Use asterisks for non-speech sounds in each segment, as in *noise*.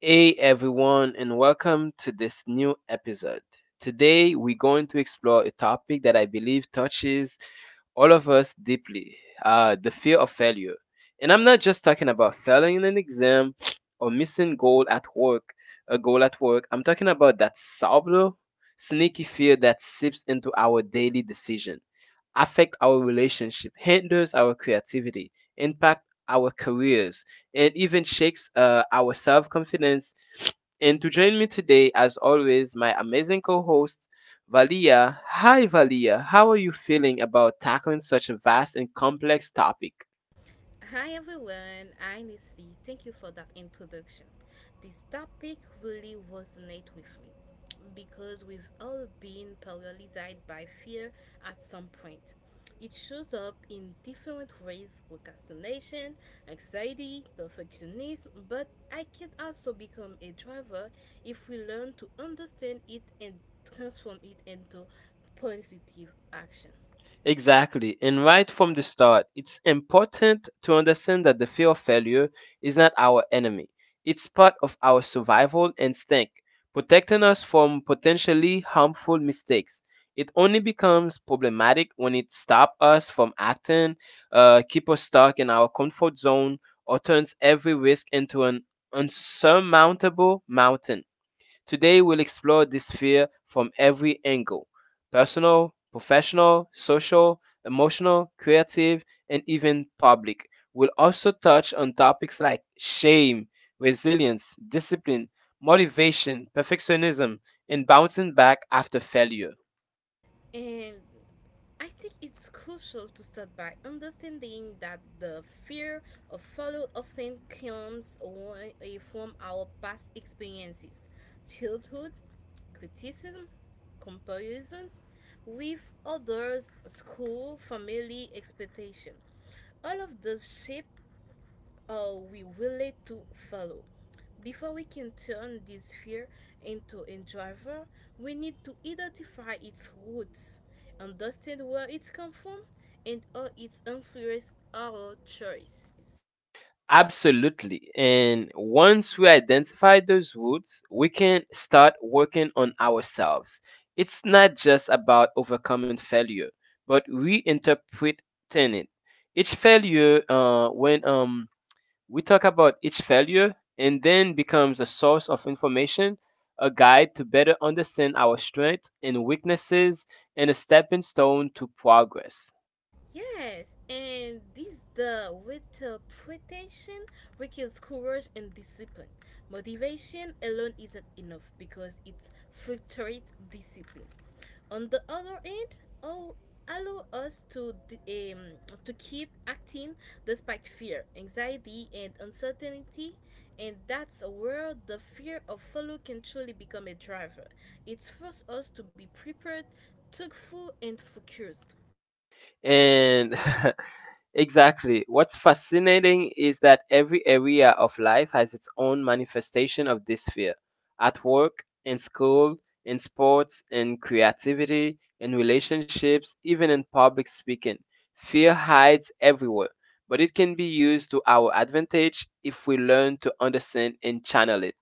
Hey everyone, and welcome to this new episode. Today, we're going to explore a topic that I believe touches all of us deeply, the fear of failure. And I'm not just talking about failing in an exam or missing goal at work, a goal at work. I'm talking about that subtle, sneaky fear that seeps into our daily decision affect our relationship, hinders our creativity, impact our careers, and even shakes our self confidence. And to join me today, as always, my amazing co host, Valia. Hi, Valia. How are you feeling about tackling such a vast and complex topic? Hi everyone, I am Nessie. Thank you for that introduction. This topic really resonates with me because we've all been paralyzed by fear at some point. It shows up in different ways: procrastination, anxiety, perfectionism, but I can also become a driver if we learn to understand it and transform it into positive action. Exactly. And right from the start, it's important to understand that the fear of failure is not our enemy. It's part of our survival instinct, protecting us from potentially harmful mistakes. It only becomes problematic when it stops us from acting, keep us stuck in our comfort zone, or turns every risk into an unsurmountable mountain. Today, we'll explore this fear from every angle personal, professional, social, emotional, creative, and even public. We'll also touch on topics like shame, resilience, discipline, motivation, perfectionism, and bouncing back after failure. And I think it's crucial to start by understanding that the fear of failure often comes away from our past experiences, childhood, criticism, comparison with others, school, family, expectation. All of this shape are we willing to follow? Before we can turn this fear into a driver, we need to identify its roots, understand where it comes from, and how it influences our choices. Absolutely. And once we identify those roots, we can start working on ourselves. It's not just about overcoming failure, but reinterpreting it. Each failure, when we talk about each failure, and then becomes a source of information, a guide to better understand our strengths and weaknesses, and a stepping stone to progress. Yes, and this the interpretation requires courage and discipline. Motivation alone isn't enough because it fluctuates discipline. On the other end, all allow us to d- to keep acting despite fear, anxiety, and uncertainty, and that's where the fear of follow can truly become a driver. It forces us to be prepared, thoughtful, and focused. And *laughs* exactly, what's fascinating is that every area of life has its own manifestation of this fear at work, in school, in sports, in creativity, in relationships, even in public speaking. Fear hides everywhere, but it can be used to our advantage if we learn to understand and channel it.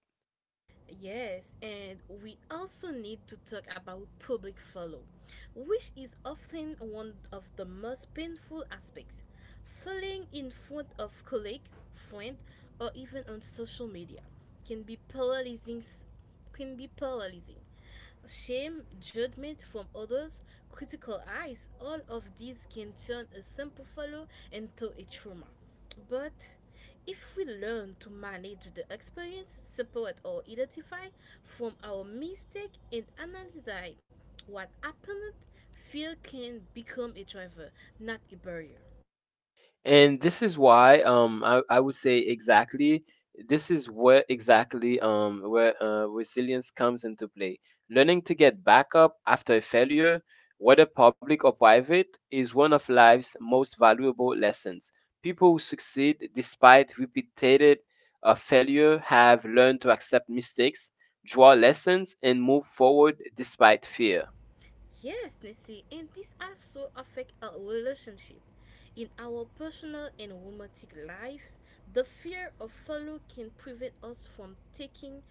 Yes, and we also need to talk about public follow, which is often one of the most painful aspects. Falling in front of colleague, friend, or even on social media can be paralyzing. Can be paralyzing shame, judgment from others, critical eyes, all of these can turn a simple follow into a trauma. But if we learn to manage the experience, support or identify from our mistake and analyze what happened, fear can become a driver, not a barrier. And this is why I would say exactly this is where resilience comes into play. Learning to get back up after a failure, whether public or private, is one of life's most valuable lessons. People who succeed despite repeated failure have learned to accept mistakes, draw lessons, and move forward despite fear. Yes, Nancy, and this also affect our relationship. In our personal and romantic lives, the fear of failure can prevent us from taking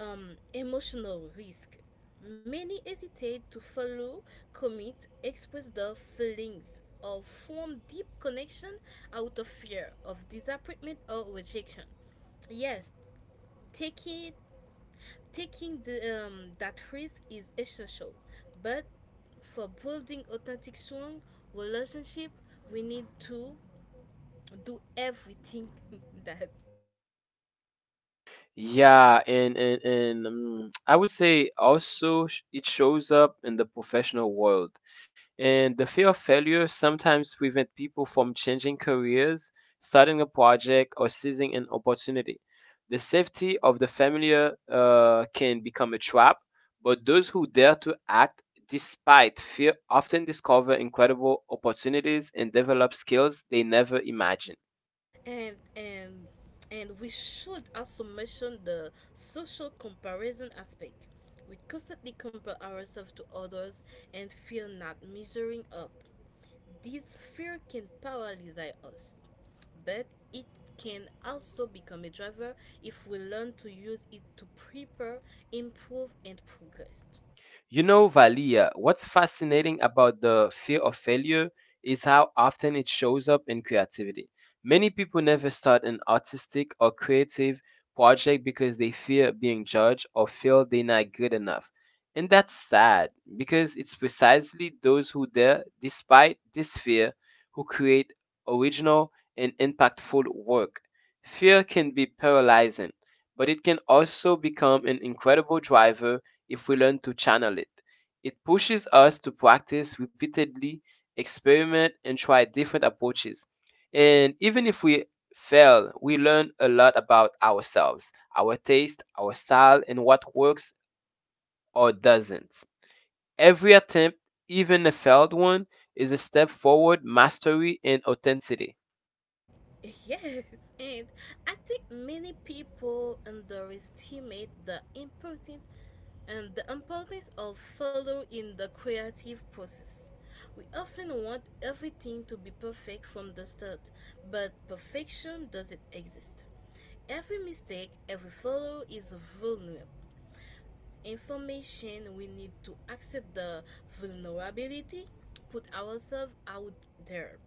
emotional risk. Many hesitate to follow, commit, express their feelings, or form deep connection out of fear of disappointment or rejection. Yes, taking Taking that risk is essential, but for building authentic, strong relationship, we need to do everything *laughs* that Yeah, and I would say also it shows up in the professional world. And the fear of failure sometimes prevent people from changing careers, starting a project, or seizing an opportunity. The safety of the familiar can become a trap, but those who dare to act despite fear often discover incredible opportunities and develop skills they never imagined. and and and we should also mention the social comparison aspect. We constantly compare ourselves to others and feel not measuring up. This fear can paralyze us, but it can also become a driver if we learn to use it to prepare, improve, and progress. You know, Valia, what's fascinating about the fear of failure is how often it shows up in creativity. Many people never start an artistic or creative project because they fear being judged or feel they're not good enough. And that's sad because it's precisely those who dare, despite this fear, who create original and impactful work. Fear can be paralyzing, but it can also become an incredible driver if we learn to channel it. It pushes us to practice repeatedly, experiment, and try different approaches. And even if we fail, we learn a lot about ourselves, our taste, our style, and what works or doesn't. Every attempt, even a failed one, is a step forward, mastery, and authenticity. *laughs* Yes, and I think many people underestimate the important and the importance of follow in the creative process. We often want everything to be perfect from the start, but perfection doesn't exist. Every mistake, every follow is vulnerable information. We need to accept the vulnerability, put ourselves out there,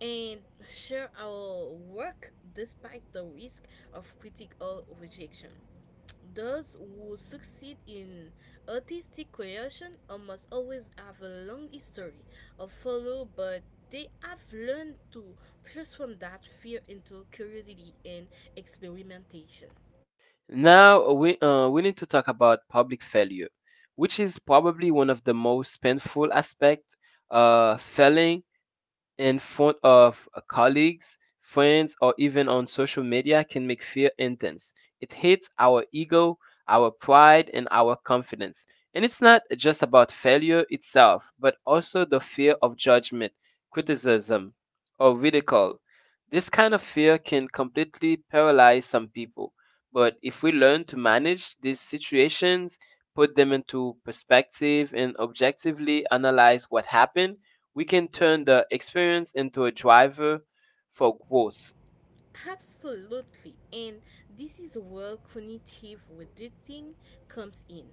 and share our work despite the risk of critical rejection. Those who succeed in artistic creation almost always have a long history of follow, but they have learned to transform that fear into curiosity and experimentation. Now we need to talk about public failure, which is probably one of the most painful aspects. Failing in front of colleagues, friends, or even on social media can make fear intense. It hits our ego, our pride, and our confidence. And it's not just about failure itself, but also the fear of judgment, criticism, or ridicule. This kind of fear can completely paralyze some people. But if we learn to manage these situations, put them into perspective, and objectively analyze what happened, we can turn the experience into a driver for growth. Absolutely, and this is where cognitive reducting comes in.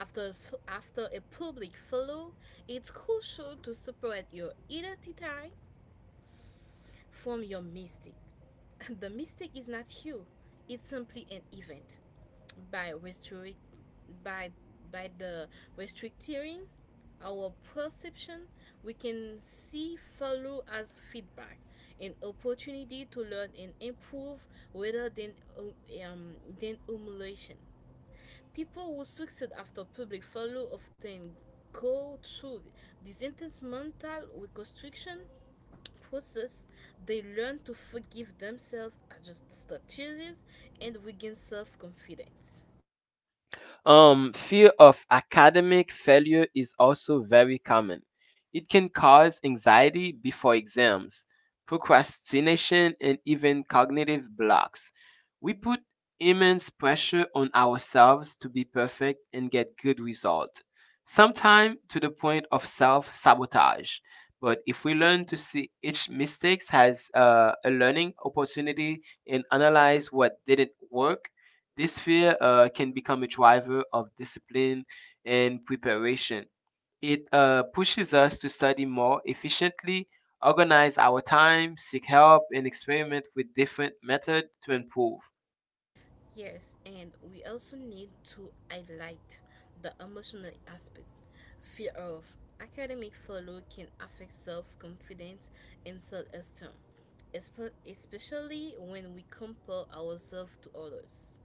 After a public follow, it's crucial to separate your identity form your mystic. *laughs* The mystic is not you, it's simply an event. By restrict by by the restricting our perception, we can see follow as feedback, an opportunity to learn and improve rather um, um, than humiliation. People who succeed after public follow often go through this intense mental reconstruction process. They learn to forgive themselves, adjust strategies, and regain self confidence. Fear of academic failure is also very common. It can cause anxiety before exams, procrastination, and even cognitive blocks. We put immense pressure on ourselves to be perfect and get good results, sometimes to the point of self sabotage. But if we learn to see each mistake as a learning opportunity and analyze what didn't work, this fear can become a driver of discipline and preparation. It pushes us to study more efficiently, organize our time, seek help, and experiment with different methods to improve. Yes, and we also need to highlight the emotional aspect. Fear of academic failure can affect self confidence and self esteem, especially when we compare ourselves to others.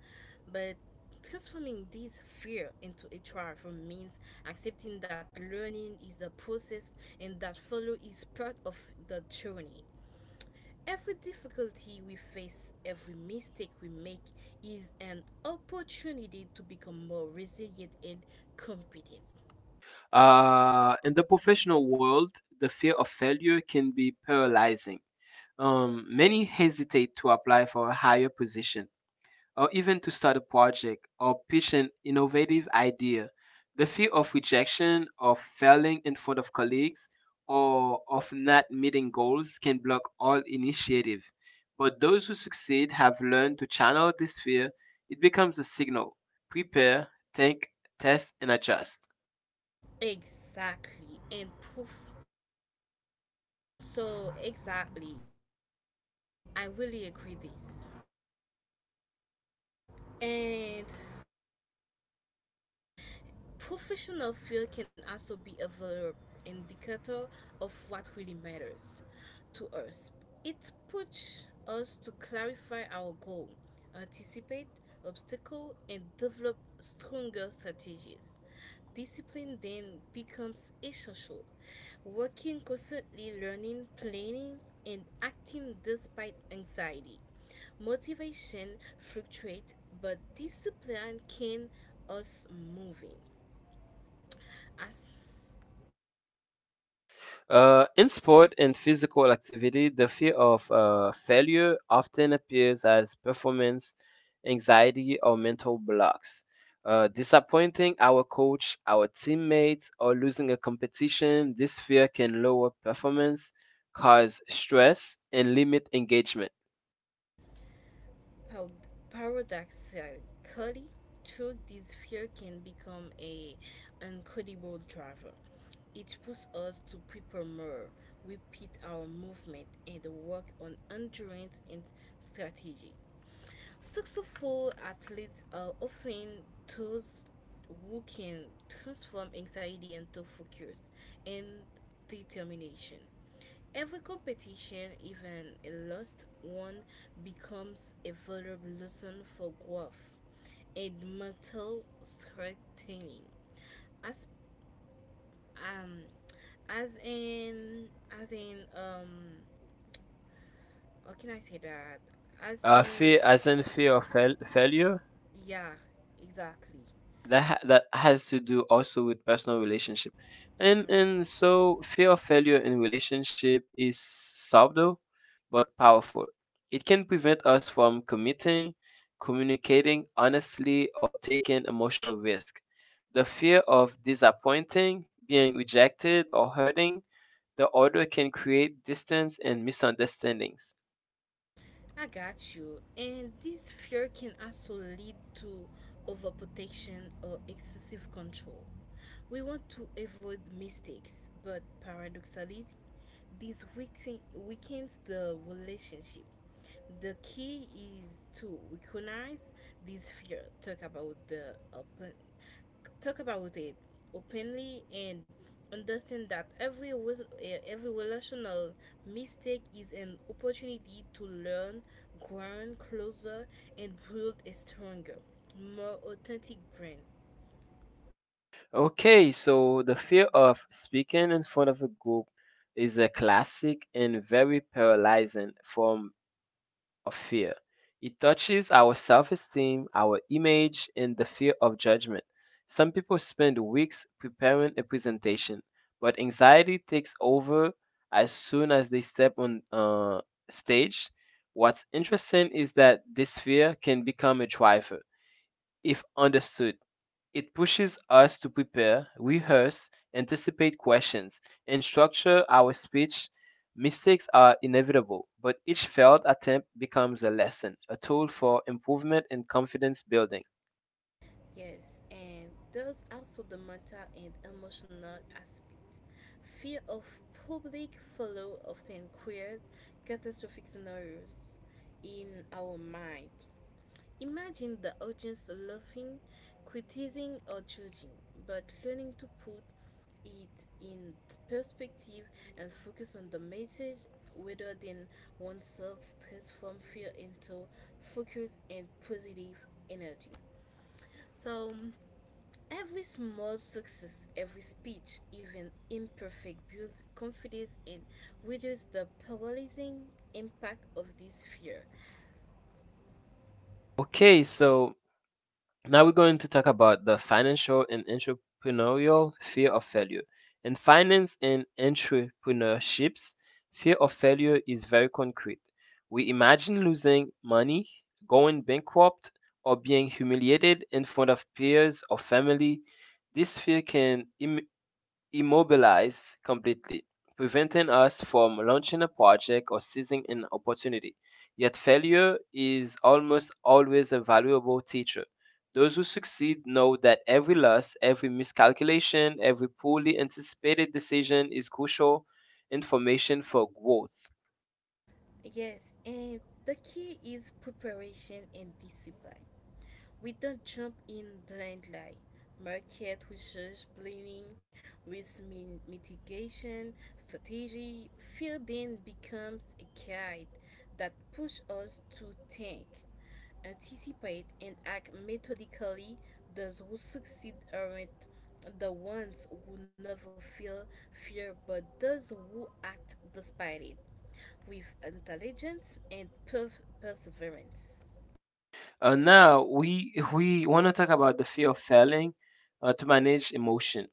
But transforming this fear into a triumph means accepting that learning is a process and that failure is part of the journey. Every difficulty we face, every mistake we make is an opportunity to become more resilient and competent. In the professional world, the fear of failure can be paralyzing. Many hesitate to apply for a higher position or even to start a project or pitch an innovative idea. The fear of rejection, of failing in front of colleagues, or of not meeting goals can block all initiative. But those who succeed have learned to channel this fear, it becomes a signal. Prepare, think, test, and adjust. Exactly. And proof. So, exactly. I really agree this. And professional field can also be a valuable indicator of what really matters to us. It pushes us to clarify our goal, anticipate obstacles, and develop stronger strategies. Discipline then becomes essential. Working constantly, learning, planning, and acting despite anxiety. Motivation fluctuates, but discipline keeps us moving. As In sport and physical activity, the fear of failure often appears as performance anxiety or mental blocks. Disappointing our coach, our teammates, or losing a competition, this fear can lower performance, cause stress, and limit engagement. paradoxically true, this fear can become a incredible driver. It pushes us to prepare more, repeat our movement, and work on endurance and strategy. Successful athletes are often those who can transform anxiety into focus and determination. Every competition, even a lost one, becomes a valuable lesson for growth and mental strengthening. As um, as in, as in, um, how can I say that? As Fear, in, as in fear of failure, yeah, exactly. That has to do also with personal relationship, and Mm-hmm. so fear of failure in relationship is subtle but powerful. It can prevent us from committing, communicating honestly, or taking emotional risk. The fear of disappointing, being rejected, or hurting the other can create distance and misunderstandings. I got you. And this fear can also lead to overprotection or excessive control. We want to avoid mistakes, but paradoxically, weakens the relationship. The key is to recognize this fear, talk about the open, talk about it openly, and understand that every relational mistake is an opportunity to learn, grow closer, and build a stronger, more authentic brand. Okay, so the fear of speaking in front of a group is a classic and very paralyzing form of fear. It touches our self esteem, our image, and the fear of judgment. Some people spend weeks preparing a presentation, but anxiety takes over as soon as they step on stage. What's interesting is that this fear can become a driver if understood. It pushes us to prepare, rehearse, anticipate questions, and structure our speech. Mistakes are inevitable, but each failed attempt becomes a lesson, a tool for improvement and confidence building. Yes, and there's also the mental and emotional aspect. Fear of public follow often creates catastrophic scenarios in our mind. Imagine the audience laughing, criticizing, or judging, but learning to put it in perspective and focus on the message rather than oneself transform fear into focus and positive energy. So, every small success, every speech, even imperfect, builds confidence and reduces the paralyzing impact of this fear. Okay, so now we're going to talk about the financial and entrepreneurial fear of failure. In finance and entrepreneurships, fear of failure is very concrete. We imagine losing money, going bankrupt, or being humiliated in front of peers or family. This fear can immobilize completely, preventing us from launching a project or seizing an opportunity. Yet failure is almost always a valuable teacher. Those who succeed know that every loss, every miscalculation, every poorly anticipated decision is crucial information for growth. Yes, and the key is preparation and discipline. We don't jump in blindly. Market research planning, mitigation strategy fear then becomes a guide that pushes us to think, anticipate, and act methodically. Those who succeed aren't the ones who never feel fear, but those who act despite it with intelligence and perseverance. Now we want to talk about the fear of failing to manage emotion.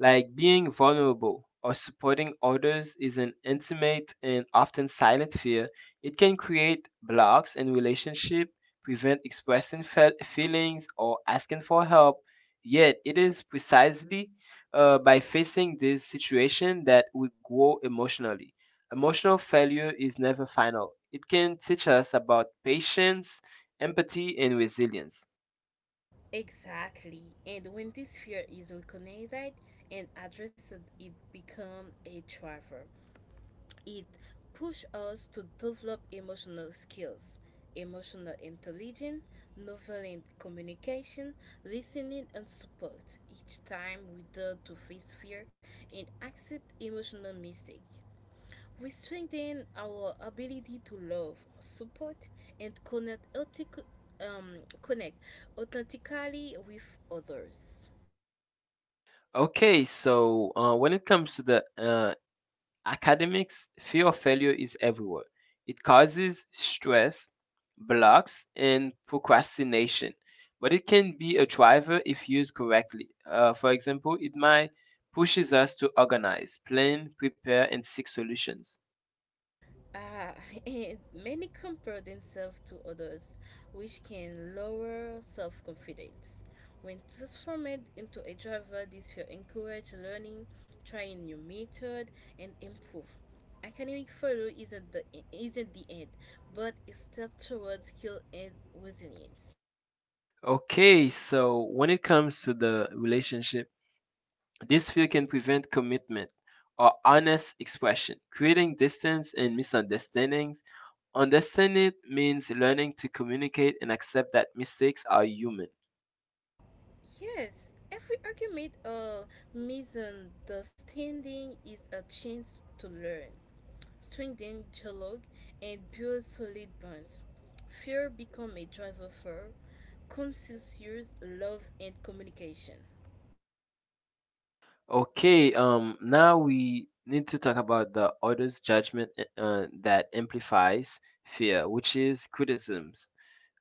Like being vulnerable or supporting others is an intimate and often silent fear. It can create blocks in relationship, prevent expressing feelings or asking for help. Yet it is precisely by facing this situation that we grow emotionally. Emotional failure is never final. It can teach us about patience, empathy, and resilience. Exactly. And when this fear is recognized and addressed, it becomes a driver. It pushes us to develop emotional skills, emotional intelligence, nonviolent communication, listening, and support. Each time we dare to face fear and accept emotional mistake. We strengthen our ability to love, support, and connect, connect authentically with others. Okay, so when it comes to the academics, fear of failure is everywhere. It causes stress, blocks, and procrastination, but it can be a driver if used correctly. For example, it might pushes us to organize, plan, prepare, and seek solutions. Uh, *laughs* and many compare themselves to others, which can lower self confidence. When transformed into a driver, this will encourage learning, trying new method, and improve. Academic failure isn't the end, but a step towards skill and resilience. Okay, so when it comes to the relationship, this fear can prevent commitment or honest expression, creating distance and misunderstandings. Understanding it means learning to communicate and accept that mistakes are human. Yes, every argument or misunderstanding is a chance to learn, strengthen dialogue, and build solid bonds. Fear become a driver for conscious love and communication. Okay, now we need to talk about the other's judgment that amplifies fear, which is criticisms.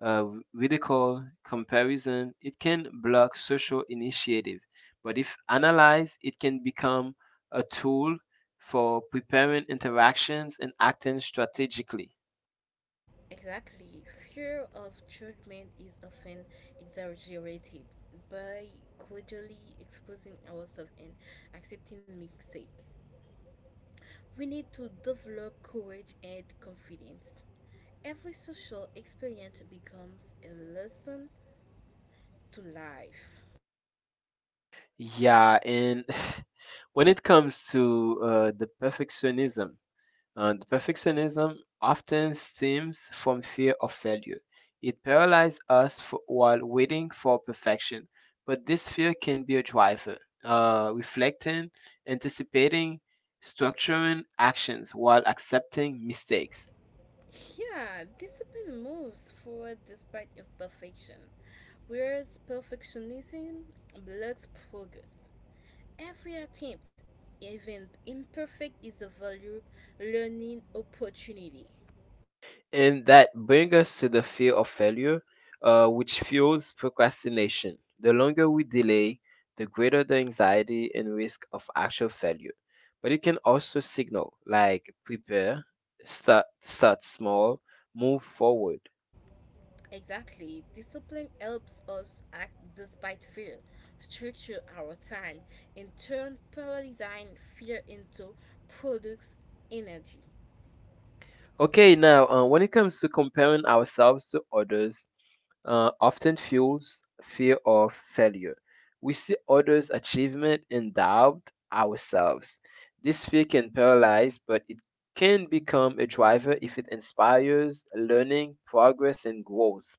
uh, we they call comparison, it can block social initiative. But if analyzed, it can become a tool for preparing interactions and acting strategically. Exactly, fear of judgment is often exaggerated by gradually exposing ourselves and accepting mistake. We need to develop courage and confidence. Every social experience becomes a lesson to life. Yeah, and *laughs* when it comes to the perfectionism, and perfectionism often stems from fear of failure. It paralyzes us for, while waiting for perfection, but this fear can be a driver, reflecting, anticipating, structuring actions while accepting mistakes. Yeah, discipline moves forward despite imperfection, whereas perfectionism blocks progress. Every attempt, even imperfect, is a valuable learning opportunity. And that brings us to the fear of failure, which fuels procrastination. The longer we delay, the greater the anxiety and risk of actual failure. But it can also signal like prepare, start, start small, move forward. Exactly, discipline helps us act despite fear, structure our time, and turn paralyzing fear into productive energy. Okay, now when it comes to comparing ourselves to others, often fuels fear of failure. We see others' achievement and doubt ourselves. This fear can paralyze, but it can become a driver if it inspires learning, progress, and growth.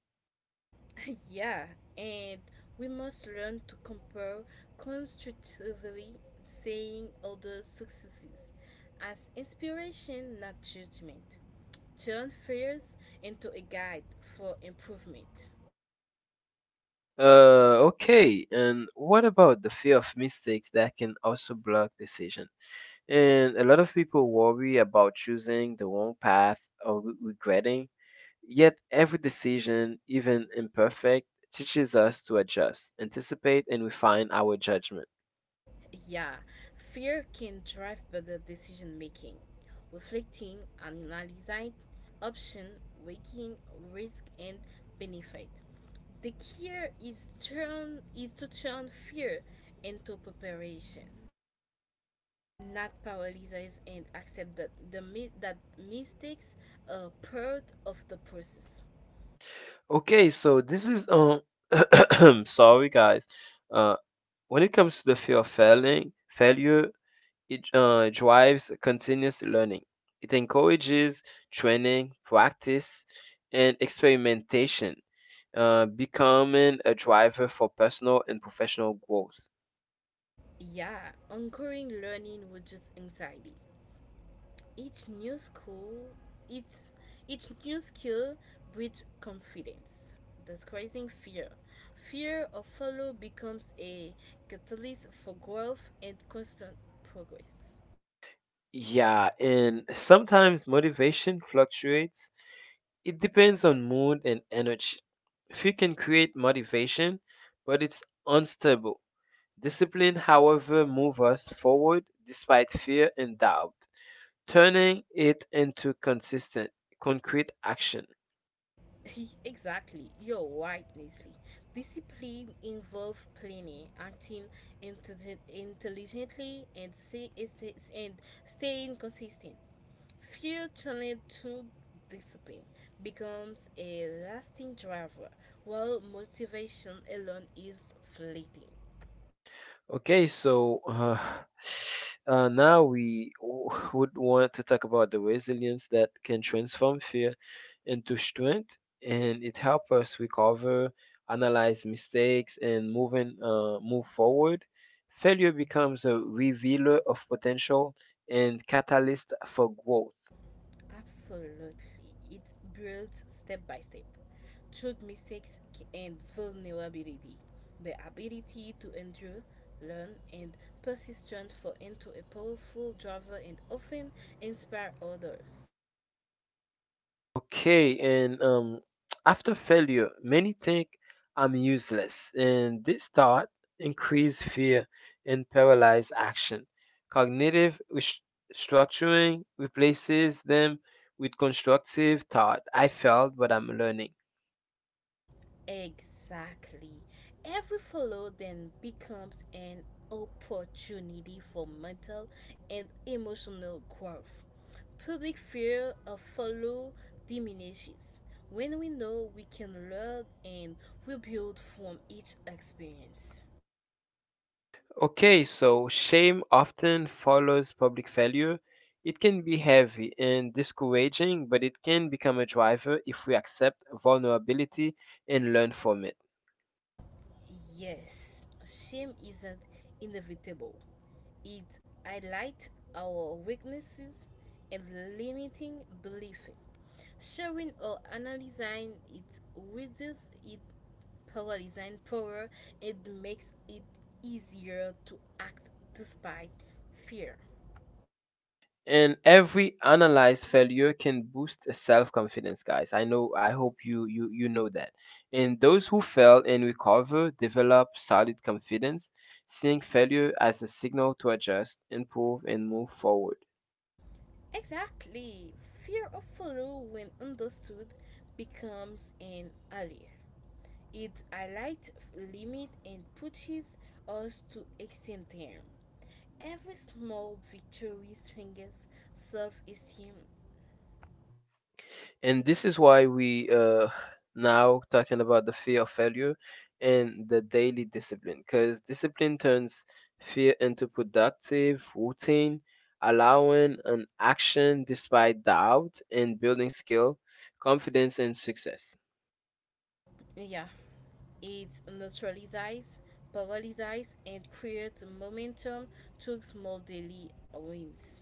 *laughs* Yeah, and we must learn to compare constructively, seeing other successes as inspiration, not judgment. Turn fears into a guide for improvement. Okay, and what about the fear of mistakes that can also block decision? And a lot of people worry about choosing the wrong path or regretting. Yet every decision, even imperfect, teaches us to adjust, anticipate, and refine our judgment. Yeah, fear can drive better decision making, reflecting and analyzing option, weighing risk and benefit. The key is to turn fear into preparation, not paralyze, and accept that that mistakes are part of the process. Okay, so this is *coughs* *clears throat* sorry guys. Uh when it comes to the fear of failure, it drives continuous learning. It encourages training, practice, and experimentation, becoming a driver for personal and professional growth. Yeah, anchoring learning reduces anxiety, each new school each, each new skill breeds confidence disguising fear fear of failure becomes a catalyst for growth and constant progress. Yeah, and sometimes motivation fluctuates. It depends on mood and energy. If you can create motivation, but it's unstable. Discipline, however, moves us forward despite fear and doubt, turning it into consistent, concrete action. *laughs* Exactly, you're right, Nestle. Discipline involves planning, intelligently, and staying consistent. Fear channeled through discipline becomes a lasting driver, while motivation alone is fleeting. Okay, so *sighs* now we would want to talk about the resilience that can transform fear into strength, and it helps us recover, analyze mistakes, and move forward. Failure becomes a revealer of potential and catalyst for growth. Absolutely. It's built step by step through mistakes and vulnerability. The ability to endure, learn, and persist transfer into a powerful driver and often inspire others. Okay, and after failure, many think I'm useless, and this thought increase fear and paralyze action. Cognitive restructuring replaces them with constructive thought. I failed, but I'm learning. Exactly. Every follow then becomes an opportunity for mental and emotional growth. Public fear of follow diminishes when we know we can learn and rebuild from each experience. Okay, so shame often follows public failure. It can be heavy and discouraging, but it can become a driver if we accept vulnerability and learn from it. Yes, shame isn't inevitable. It highlights our weaknesses and limiting belief. Sharing or analyzing it reduces it paralyzing power and makes it easier to act despite fear. And every analyzed failure can boost self-confidence, guys. I know, I hope you know that. And those who fail and recover develop solid confidence, seeing failure as a signal to adjust, improve, and move forward. Exactly. Fear of failure when understood becomes an ally. It highlights limits and pushes us to extend them. Every small victory strengthens self-esteem. And this is why we, now talking about the fear of failure and the daily discipline, because discipline turns fear into productive routine, allowing an action despite doubt and building skill, confidence, and success. Yeah, it neutralizes, paralyzes, and creates momentum through small daily wins.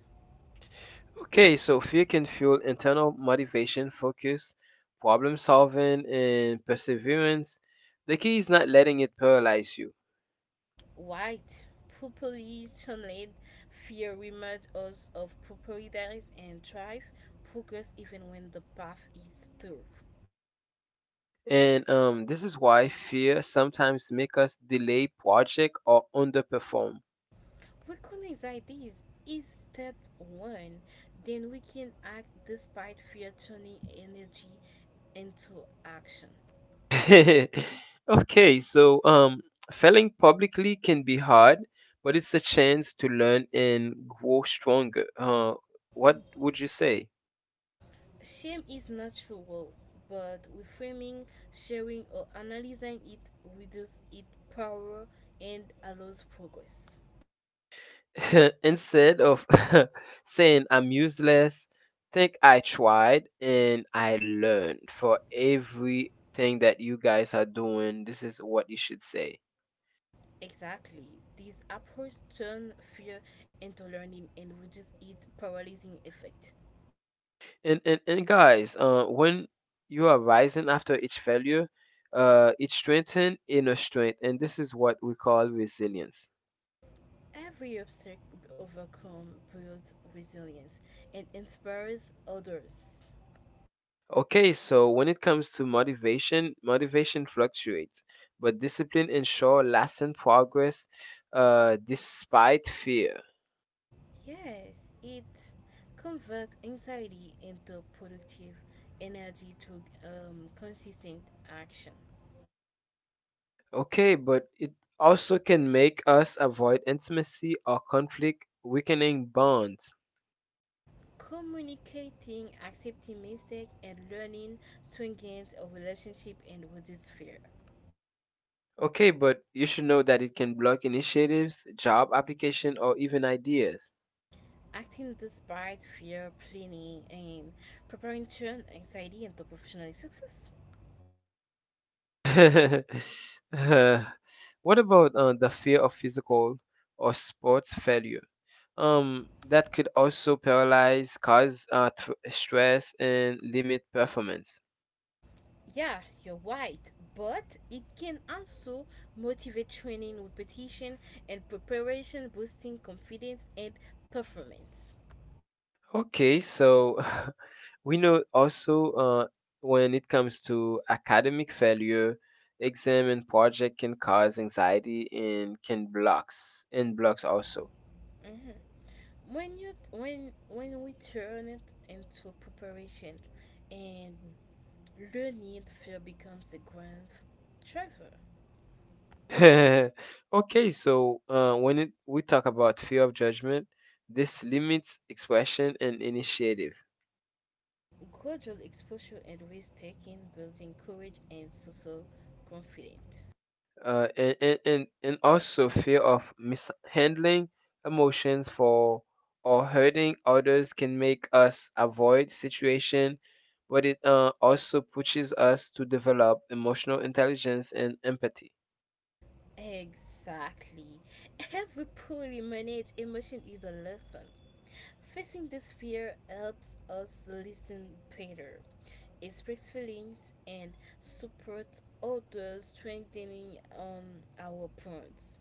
Okay, so fear can fuel internal motivation, focus, problem solving, and perseverance. The key is not letting it paralyze you. White, properly channeled, fear reminds us of proprietary and drive, progress even when the path is through. And this is why fear sometimes make us delay project or underperform. Recognize ideas is step one. Then we can act despite fear, turning energy into action. *laughs* Okay, so failing publicly can be hard, but it's a chance to learn and grow stronger. What would you say? Shame is natural, but reframing, sharing, or analyzing it reduces its power and allows progress. *laughs* Instead of *laughs* saying I'm useless, think I tried and I learned, for everything that you guys are doing. This is what you should say. Exactly. This approach turns fear into learning and reduces its paralyzing effect. And guys, when you are rising after each failure, it strengthens inner strength, and this is what we call resilience. Every obstacle overcome builds resilience and inspires others. Okay, so when it comes to motivation, motivation fluctuates, but discipline ensure lasting progress, despite fear. Yes, it converts anxiety into productive energy to consistent action. Okay, but it also can make us avoid intimacy or conflict, weakening bonds. Communicating, accepting mistakes, and learning strengthens a relationship and reduces fear. Okay, but you should know that it can block initiatives, job application, or even ideas. Acting despite fear, planning, and preparing turn anxiety into professional success. *laughs* Uh, what about the fear of physical or sports failure? That could also paralyze, cause stress, and limit performance. Yeah, you're right, but it can also motivate training repetition and preparation, boosting confidence and performance. Okay, so *laughs* we know also, when it comes to academic failure, exam and project can cause anxiety and can blocks and blocks also. Mhm. When you when we turn it into preparation and learning, fear becomes a grand driver. *laughs* Okay, so we talk about fear of judgment, this limits expression and initiative. Gradual exposure and risk taking, building courage and social confidence. And also fear of mishandling emotions for or hurting others can make us avoid situation, but it also pushes us to develop emotional intelligence and empathy. Exactly. Every poorly managed emotion is a lesson. Facing this fear helps us listen better, express feelings, and support others, strengthening our bonds.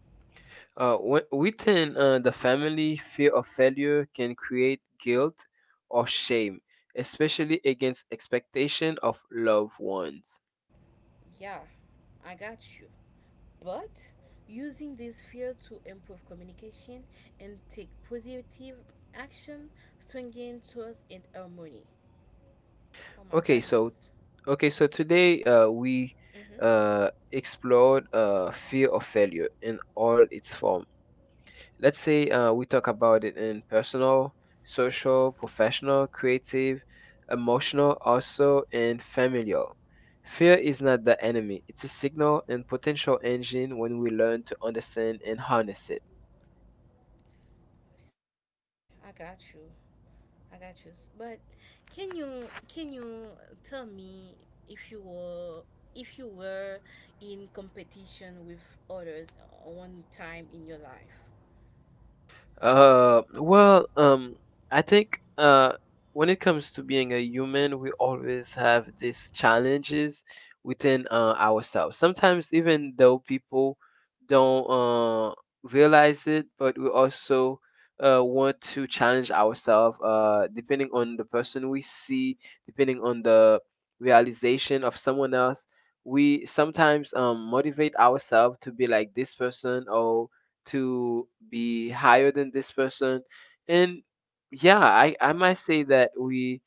Within the family, fear of failure can create guilt or shame, especially against expectation of loved ones. Yeah, I got you. But using this fear to improve communication and take positive action strengthens trust and harmony. Oh my Okay, so goodness. okay, so today, we Mm-hmm. Explored fear of failure in all its forms. Let's say, we talk about it in personal, social, professional, creative, emotional, also, and familial. Fear is not the enemy, it's a signal and potential engine when we learn to understand and harness it. I got you. I got you. But can you tell me if you were if you were in competition with others one time in your life? Well, I think, when it comes to being a human, we always have these challenges within, ourselves. Sometimes, even though people don't realize it, but we also want to challenge ourselves, depending on the person we see, depending on the realization of someone else. We sometimes motivate ourselves to be like this person or to be higher than this person. And yeah, I might say that we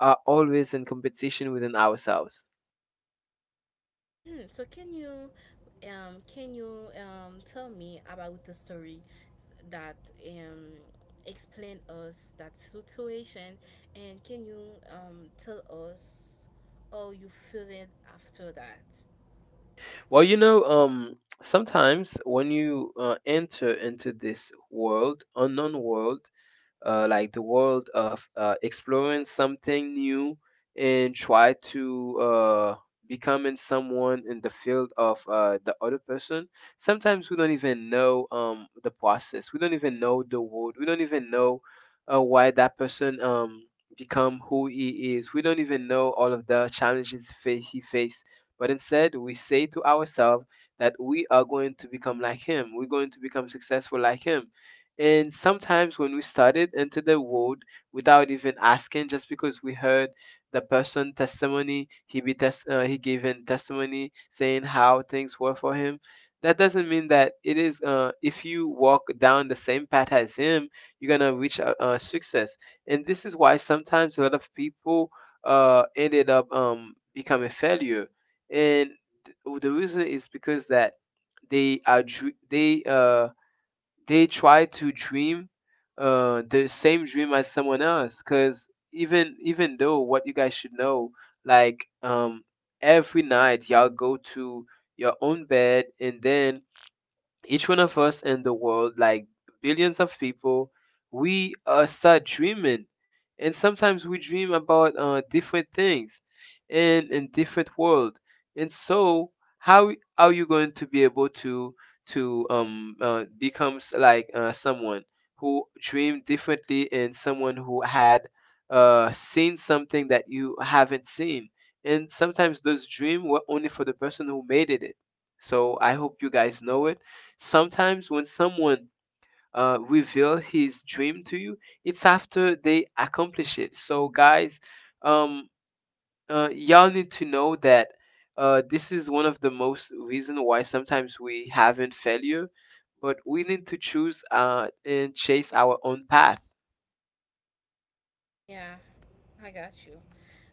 are always in competition within ourselves. Hmm, so can you tell me about the story that explain us that situation and can you tell us how you feel it after that? Well, sometimes when you enter into this world, unknown world, like the world of exploring something new and try to becoming someone in the field of the other person. Sometimes we don't even know the process. We don't even know the world. We don't even know why that person become who he is. We don't even know all of the challenges he faced. But instead, we say to ourselves that we are going to become like him. We're going to become successful like him. And sometimes when we started into the world without even asking, just because we heard the person testimony, he gave in testimony, saying how things were for him. That doesn't mean that it is. If you walk down the same path as him, you're gonna reach success. And this is why sometimes a lot of people ended up becoming failure. And the reason is because that they are dr- they uh they try to dream the same dream as someone else, because even though what you guys should know, like every night y'all go to your own bed, and then each one of us in the world, like billions of people, we start dreaming. And sometimes we dream about different things and in different world. And so, how are you going to be able to becomes like someone who dreamed differently and someone who had seen something that you haven't seen? And sometimes those dreams were only for the person who made it. So I hope you guys know it. Sometimes when someone reveal his dream to you, it's after they accomplish it. So guys, um, y'all need to know that this is one of the most reason why sometimes we haven't failure, but we need to choose, and chase our own path. Yeah, I got you.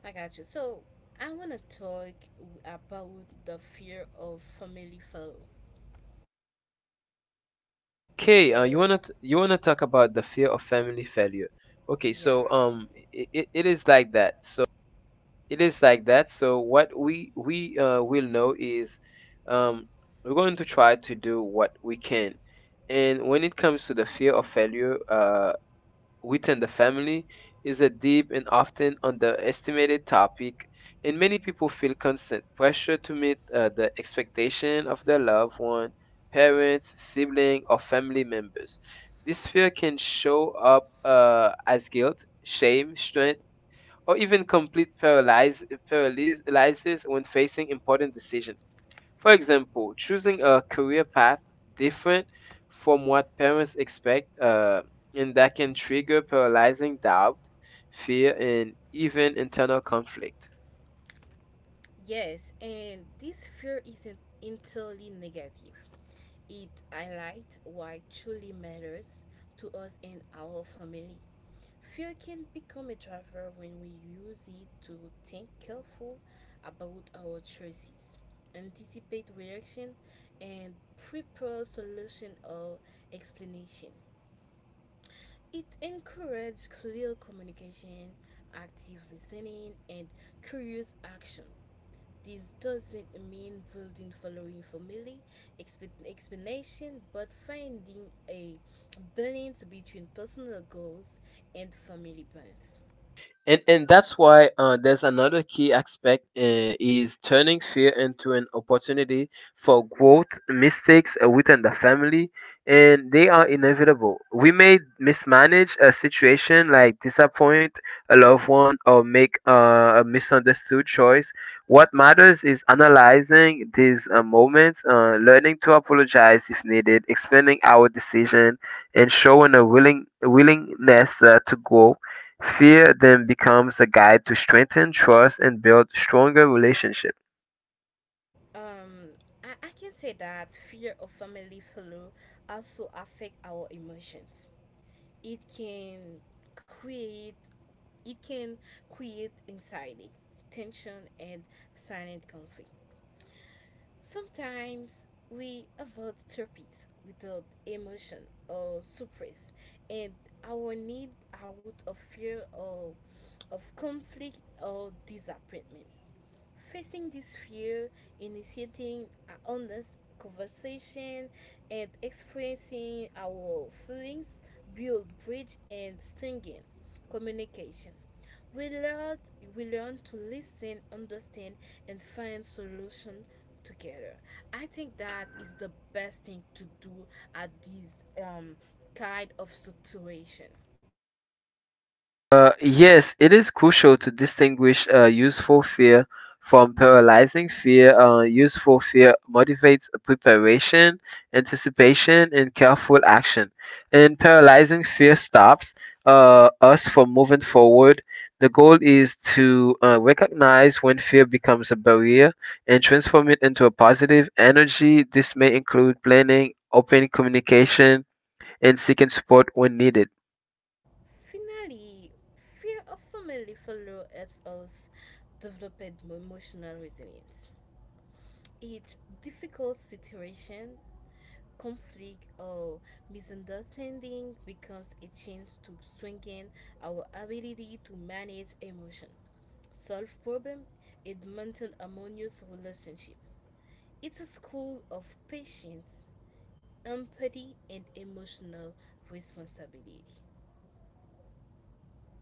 I got you. So, I want to talk about the fear of family failure. Okay, So, you wanna talk about the fear of family failure? Okay, so yeah. It is like that. So it is like that, so what we will know is, um, we're going to try to do what we can. And when it comes to the fear of failure, within the family, is a deep and often underestimated topic. And many people feel constant pressure to meet the expectation of their loved one, parents, sibling, or family members. This fear can show up as guilt, shame, strength, or even complete paralysis when facing important decisions. For example, choosing a career path different from what parents expect, and that can trigger paralyzing doubt, fear, and even internal conflict. Yes, and this fear isn't entirely negative. It highlights what truly matters to us and our family. Fear can become a driver when we use it to think careful about our choices, anticipate reaction, and prepare solution or explanation. It encourages clear communication, active listening, and curious action. This doesn't mean building following family explanation, but finding a balance between personal goals and family bonds. And that's why, there's another key aspect, is turning fear into an opportunity for growth. Mistakes within the family, and they are inevitable. We may mismanage a situation like disappoint a loved one or make a misunderstood choice. What matters is analyzing these moments, learning to apologize if needed, explaining our decision, and showing a willingness to grow. Fear then becomes a guide to strengthen trust and build stronger relationships. Um, I can say that fear of family failure also affect our emotions. It can create it can create anxiety, tension, and silent conflict. Sometimes we avoid topics without emotion or suppress, and our need out of fear or of conflict or disappointment. Facing this fear, initiating an honest conversation, and expressing our feelings build bridge and strengthen communication. We learn, we learn to listen, understand, and find solution together. I think that is the best thing to do at this kind of situation. Yes, it is crucial to distinguish useful fear from paralyzing fear. Useful fear motivates preparation, anticipation, and careful action. And paralyzing fear stops us from moving forward. The goal is to recognize when fear becomes a barrier and transform it into a positive energy. This may include planning, open communication, and seeking support when needed. Finally, fear of family failure helps us develop emotional resilience. Each difficult situation, conflict, or misunderstanding becomes a chance to strengthen our ability to manage emotion, solve problems, and maintain harmonious relationships. It's a school of patience, empathy, and emotional responsibility.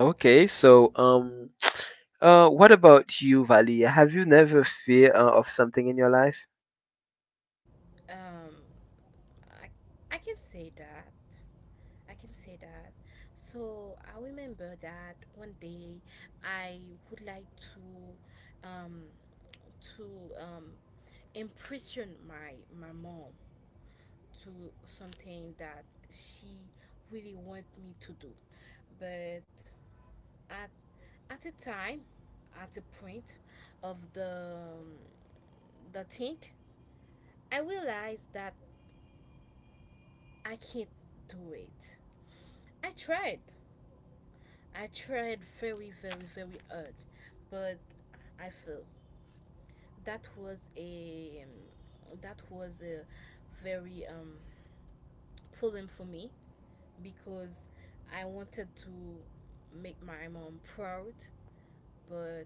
Okay, so *tsk* what about you, Valia? Have you never fear of something in your life? Um, I, I can say that. I can say that. So I remember that one day I would like to um, impression my mom to something that she really want me to do, but at at a time, at a point of the thing, I realized that I can't do it. I tried. I tried very, very, very hard, but I failed. That was a very problem for me because I wanted to make my mom proud, but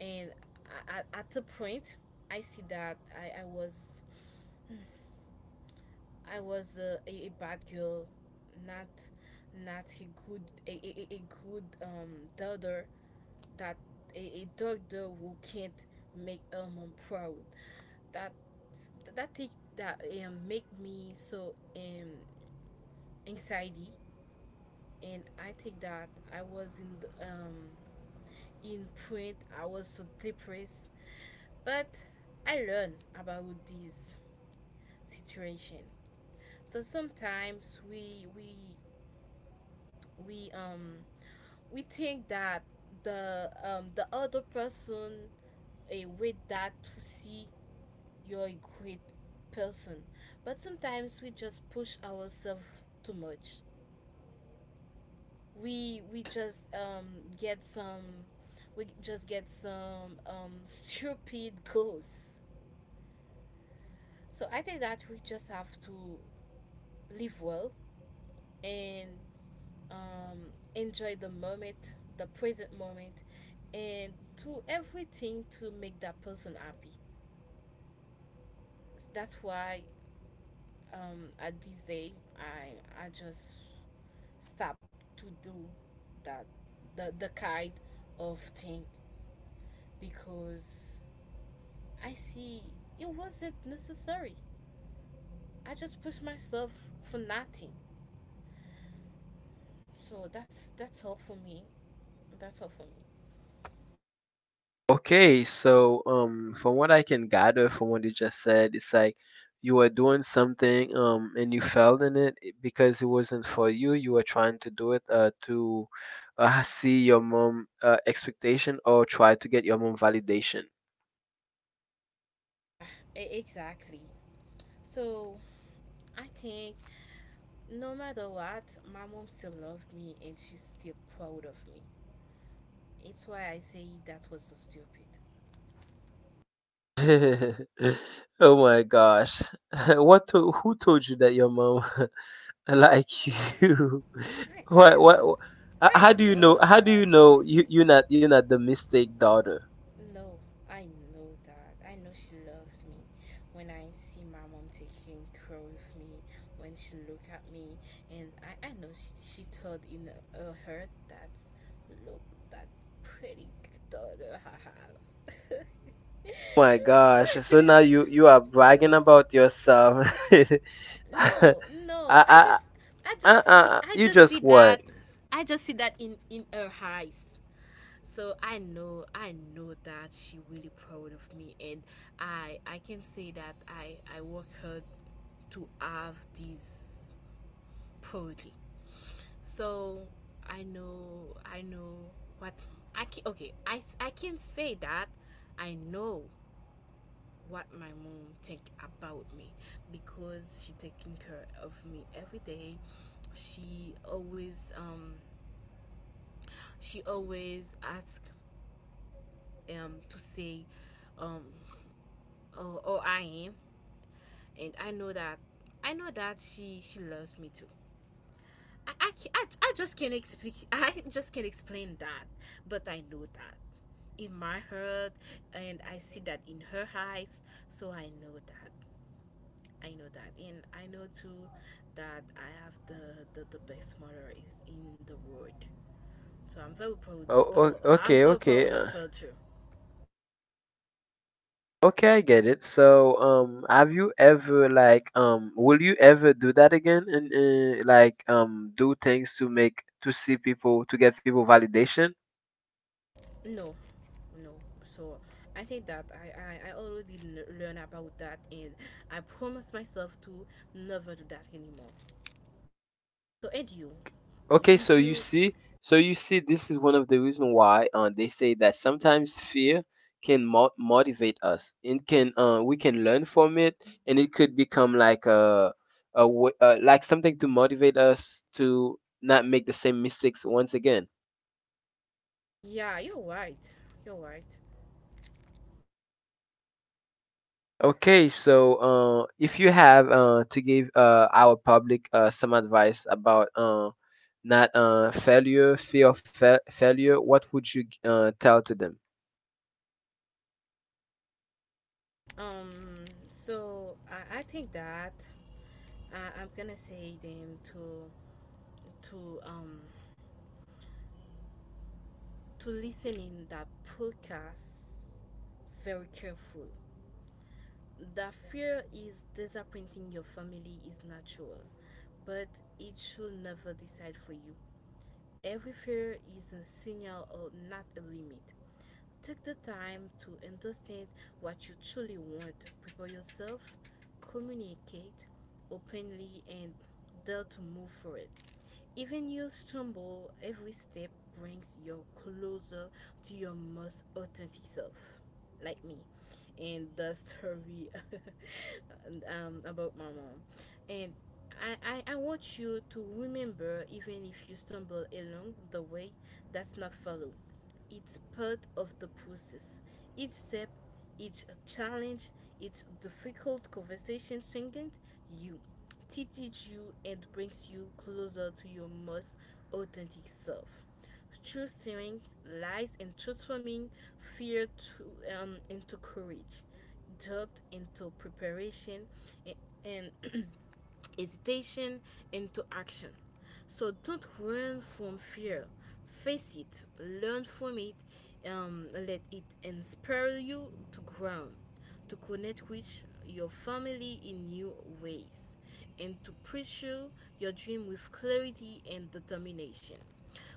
and at the point I see that I was I was a bad girl, not not a good a good daughter that a doctor who can't make proud. That that thing that make me so anxiety, and I think that I was in the, in print. I was so depressed, but I learned about this situation. So sometimes we think that the the other person a way that to see you're a great person. But sometimes we just push ourselves too much. We just get some we just get some *laughs* stupid goals. So I think that we just have to live well and enjoy the moment, the present moment, and do everything to make that person happy. That's why at this day I just stopped to do that the kind of thing because I see it wasn't necessary. I just pushed myself for nothing. So that's all for me. That's all for me. Okay, so from what I can gather from what you just said, it's like you were doing something, and you failed in it because it wasn't for you. You were trying to do it, to see your mom expectation or try to get your mom validation. Ah, exactly. So I think no matter what, my mom still loved me and she's still proud of me. It's why I say that was so stupid. *laughs* Oh my gosh. *laughs* Who told you that your mom *laughs* like you? I *laughs* I What what know, wh- I how do you know know that, Nestle. You're not the mistake daughter? No, I know that. I know she loves me. When I see my mom taking care of me, when she look at me, and I know she told in her heart that, look, that pretty daughter I have. Oh my gosh. So now you are *laughs* bragging so about yourself. *laughs* I no, no. I I you just just see what? that, I just see that in her eyes. So I know that she really proud of me and I can say that I work hard to have this proudly so I know what I can, okay I can say that I know what my mom think about me because she taking care of me every day she always um she always ask to say um or I am, and I know that she loves me too. I just can't explain *laughs* I just can't explain that, but I know that in my heart, and I see that in her eyes. So I know that, and I know too that I have the best mother is in the world. So I'm very proud. Oh, I'm okay, very okay. proud of her too. Okay, I get it. So, have you ever, like, will you ever do that again, and like, do things to make to see people to get people validation? No, no. So I think that I already learned about that and I promised myself to never do that anymore. So, and you? Okay, Did you? So you see this is one of the reason why they say that sometimes fear can motivate us. It can we can learn from it, and it could become like something to motivate us to not make the same mistakes once again. Yeah, you're right. You're right. Okay, so if you have to give our public some advice about not, failure, fear of failure, what would you tell to them? Um, so I think that I'm gonna say them to um to listen in that podcast very careful. That fear is disappointing your family is natural, but it should never decide for you. Every fear is a signal or not a limit. Take the time to understand what you truly want, prepare yourself, communicate openly, and dare to move for it. Even your stumble, every step brings you closer to your most authentic self, like me, and the story *laughs* about my mom. And I want you to remember, even if you stumble along the way, that's not follow. It's part of the process. Each step, each challenge, each difficult conversation strengthens you, teaches you, and brings you closer to your most authentic self. True strength lies in transforming fear into courage, doubt into preparation, and, and *clears throat* hesitation into action. So don't run from fear. Face it, learn from it, let it inspire you to grow, to connect with your family in new ways, and to pursue your dream with clarity and determination.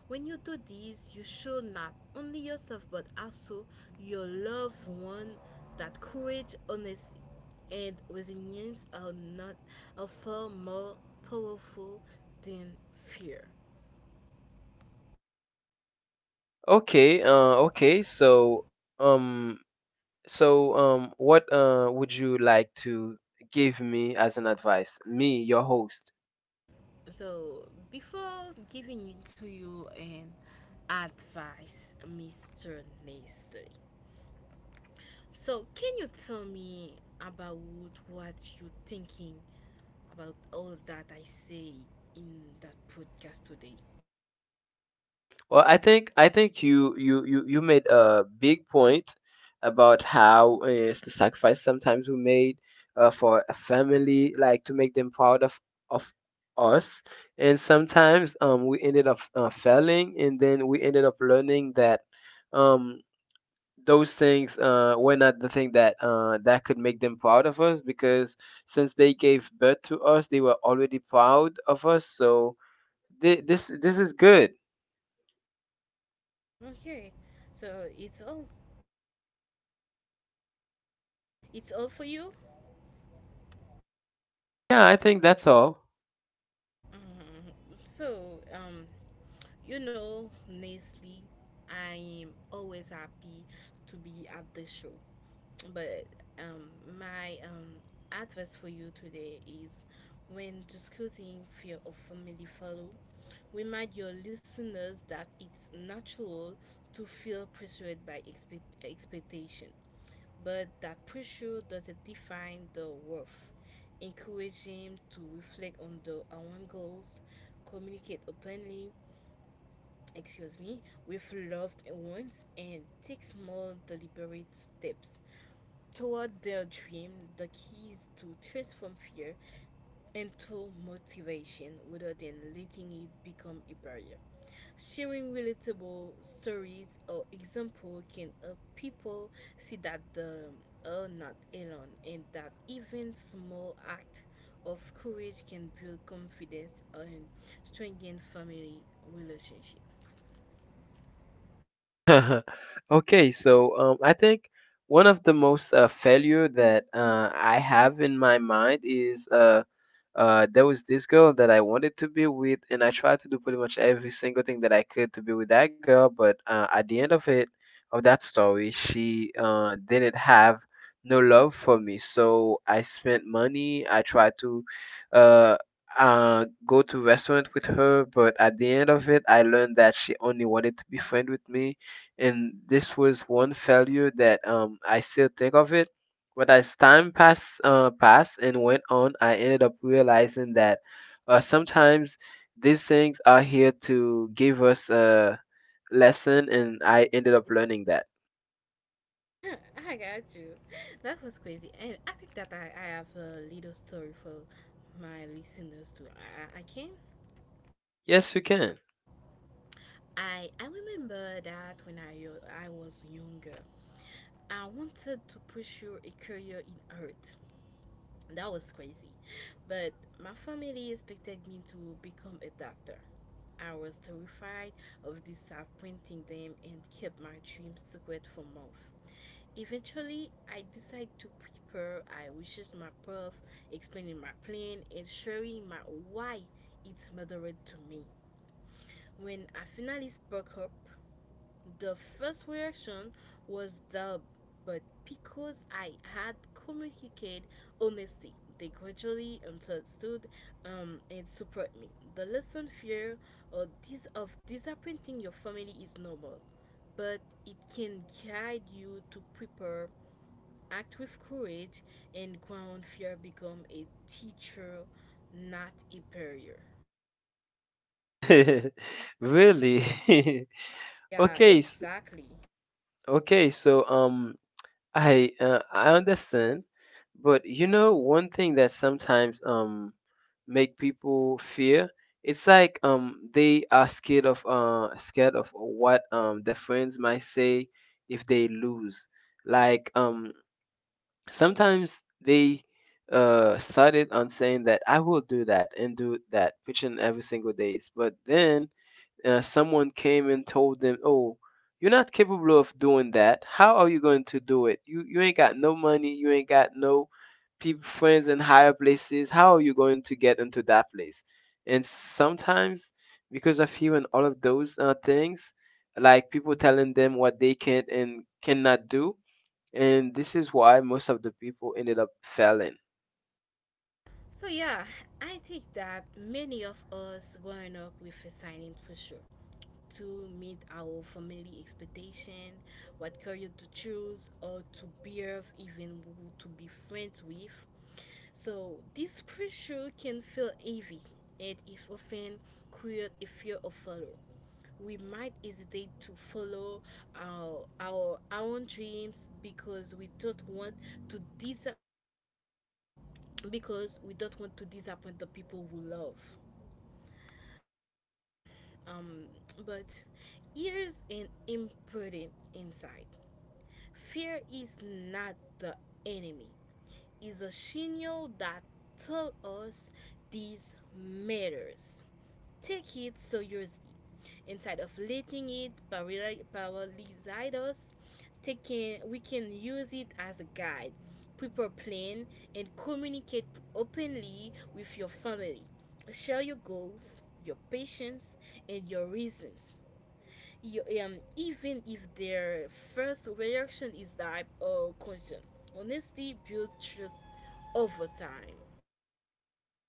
When you do this, you show not only yourself but also your loved one that courage, honesty, and resilience are not are far more powerful than fear. Okay, um, what would you like to give me as an advice, me, your host? So before giving it to you an advice, Mr. Nestle. So can you tell me about what you thinking about all that I say in that podcast today? Well, I think you made a big point about how it's the sacrifice sometimes we made for a family, like to make them proud of us, and sometimes we ended up failing, and then we ended up learning that um those things were not the thing that could make them proud of us because since they gave birth to us, they were already proud of us, so this is good. Okay, so it's all for you. Yeah, I think that's all. Mhm. So. You know, honestly, I am always happy to be at the show. But um, my advice for you today is when discussing fear of family follow, remind your listeners that it's natural to feel pressured by expectation, but that pressure doesn't define the worth. Encourage him to reflect on the own goals, communicate openly, excuse me, with loved ones and take small deliberate steps toward their dream, the keys to transform fear into motivation rather than letting it become a barrier. Sharing relatable stories or example can help people see that they are not alone and that even small act of courage can build confidence and strengthen family relationship. *laughs* Okay, so I think one of the most failure that I have in my mind is there was this girl that I wanted to be with, and I tried to do pretty much every single thing that I could to be with that girl. But at the end of it, of that story, she didn't have no love for me. So I spent money. I tried to uh, go to restaurant with her, but at the end of it, I learned that she only wanted to be friend with me, and this was one failure that I still think of it, but as time passed, passed and went on, I ended up realizing that sometimes these things are here to give us a lesson, and I ended up learning that. *laughs* I got you. That was crazy. And I think that I have a little story for my listeners too. I can. Yes, you can. I remember that when I was younger, I wanted to pursue a career in art. That was crazy. But my family expected me to become a doctor. I was terrified of disappointing them and kept my dreams secret for months. Eventually, I decide to prepare. I research my proof, explaining my plan, and sharing my why it's mattered to me. When I finally spoke up, the first reaction was doubt, but because I had communicated honesty, they gradually understood and support me. The lesson fear or of disappointing your family is normal, but it can guide you to prepare. Act with courage and ground fear. Become a teacher, not a barrier. *laughs* Really? *laughs* Yeah, Okay, s- exactly. okay, so um I understand, but you know one thing that sometimes make people fear. It's like they are scared of what their friends might say if they lose. Like sometimes they started on saying that I will do that and do that each and every single days, but then someone came and told them, "Oh, you're not capable of doing that. How are you going to do it? You ain't got no money. You ain't got no people friends in higher places. How are you going to get into that place?" And sometimes, because of hearing all of those things, like people telling them what they can't and cannot do, and this is why most of the people ended up failing. So yeah, I think that many of us growing up with a silent pressure to meet our family expectation, what career to choose or to behave, even who to be friends with. So this pressure can feel heavy and it often create a fear of failure. We might hesitate to follow our own dreams because we don't want to because we don't want to disappoint the people we love. Um, but here's an important insight, fear is not the enemy, it's a signal that tells us these matters. Take it seriously. Instead of letting it paralyze us, taking, we can use it as a guide, prepare plan, and communicate openly with your family. Share your goals, your patience, and your reasons. Even if their first reaction is that or concern, honesty builds trust over time.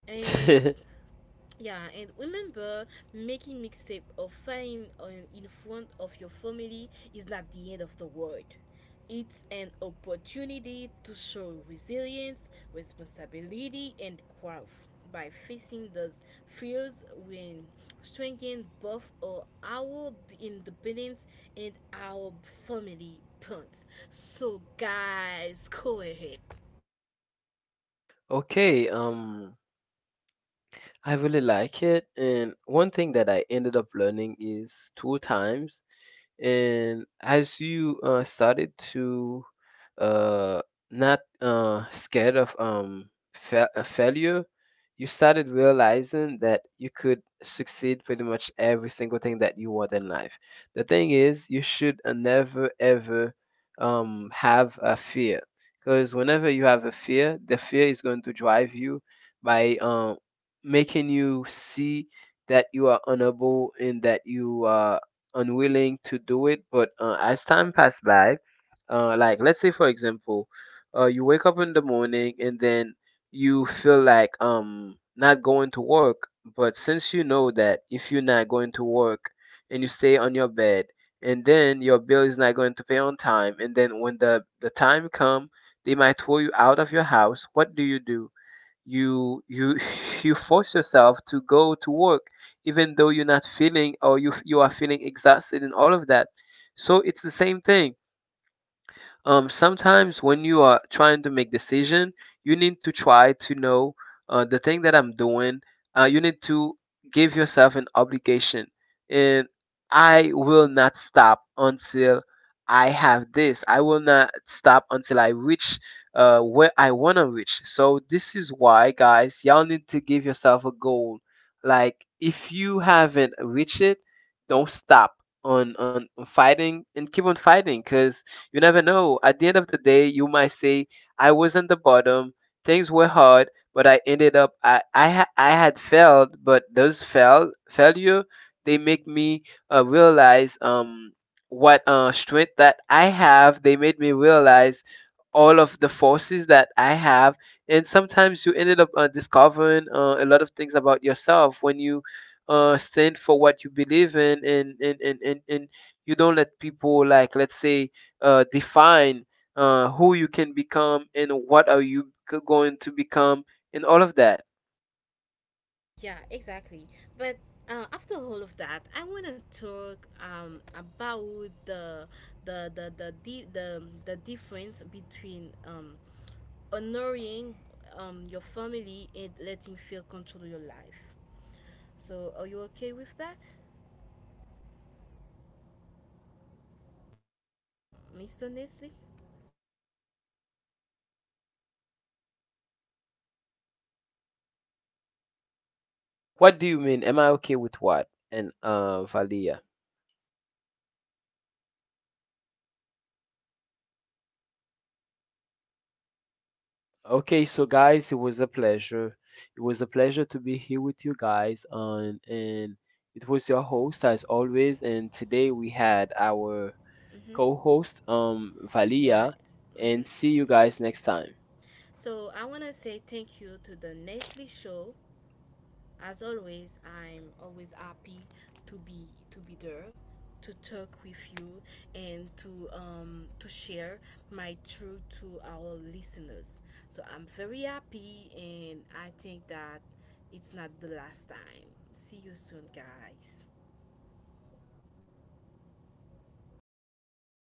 And *laughs* yeah and remember making mixtape or flying on in front of your family is not the end of the world. It's an opportunity to show resilience, responsibility and growth. By facing those fears we strengthen both our independence and our family bonds. So guys go ahead. Okay, I really like it. And one thing that I ended up learning is two times. And as you started to uh, not scared of failure, you started realizing that you could succeed pretty much every single thing that you want in life. The thing is, you should never ever have a fear. Because whenever you have a fear, the fear is going to drive you by making you see that you are unable and that you are unwilling to do it. But as time passed by, like let's say for example, you wake up in the morning and then you feel like not going to work. But since you know that if you're not going to work and you stay on your bed and then your bill is not going to pay on time and then when the time come, they might throw you out of your house. What do you do? You *laughs* you force yourself to go to work, even though you're not feeling or you are feeling exhausted and all of that. So it's the same thing. Sometimes when you are trying to make decision, you need to try to know the thing that I'm doing. You need to give yourself an obligation, and I will not stop until I have this. I will not stop until I reach where I wanna reach. So this is why, guys, y'all need to give yourself a goal. Like if you haven't reached it, don't stop on fighting and keep on fighting, cause you never know. At the end of the day, you might say, I was on the bottom, things were hard, but I ended up, I had failed, but failure, they make me realize what strength that I have. They made me realize all of the forces that I have. And sometimes you ended up discovering a lot of things about yourself when you stand for what you believe in, and you don't let people, like, let's say, define who you can become and what are you going to become and all of that. Yeah, exactly. But after all of that, I want to talk about the the difference between honoring your family and letting fear control your life. So, are you okay with that, Mr. Nestle? What do you mean? Am I okay with what? And Valia. Okay, so guys, it was a pleasure. It was a pleasure to be here with you guys, and it was your host as always. And today we had our co-host, Yeah. Valia, and see you guys next time. So, I want to say thank you to the Nestle Show. As always, I'm always happy to be there, to talk with you, and to share my truth to our listeners. So I'm very happy, and I think that it's not the last time. See you soon, guys.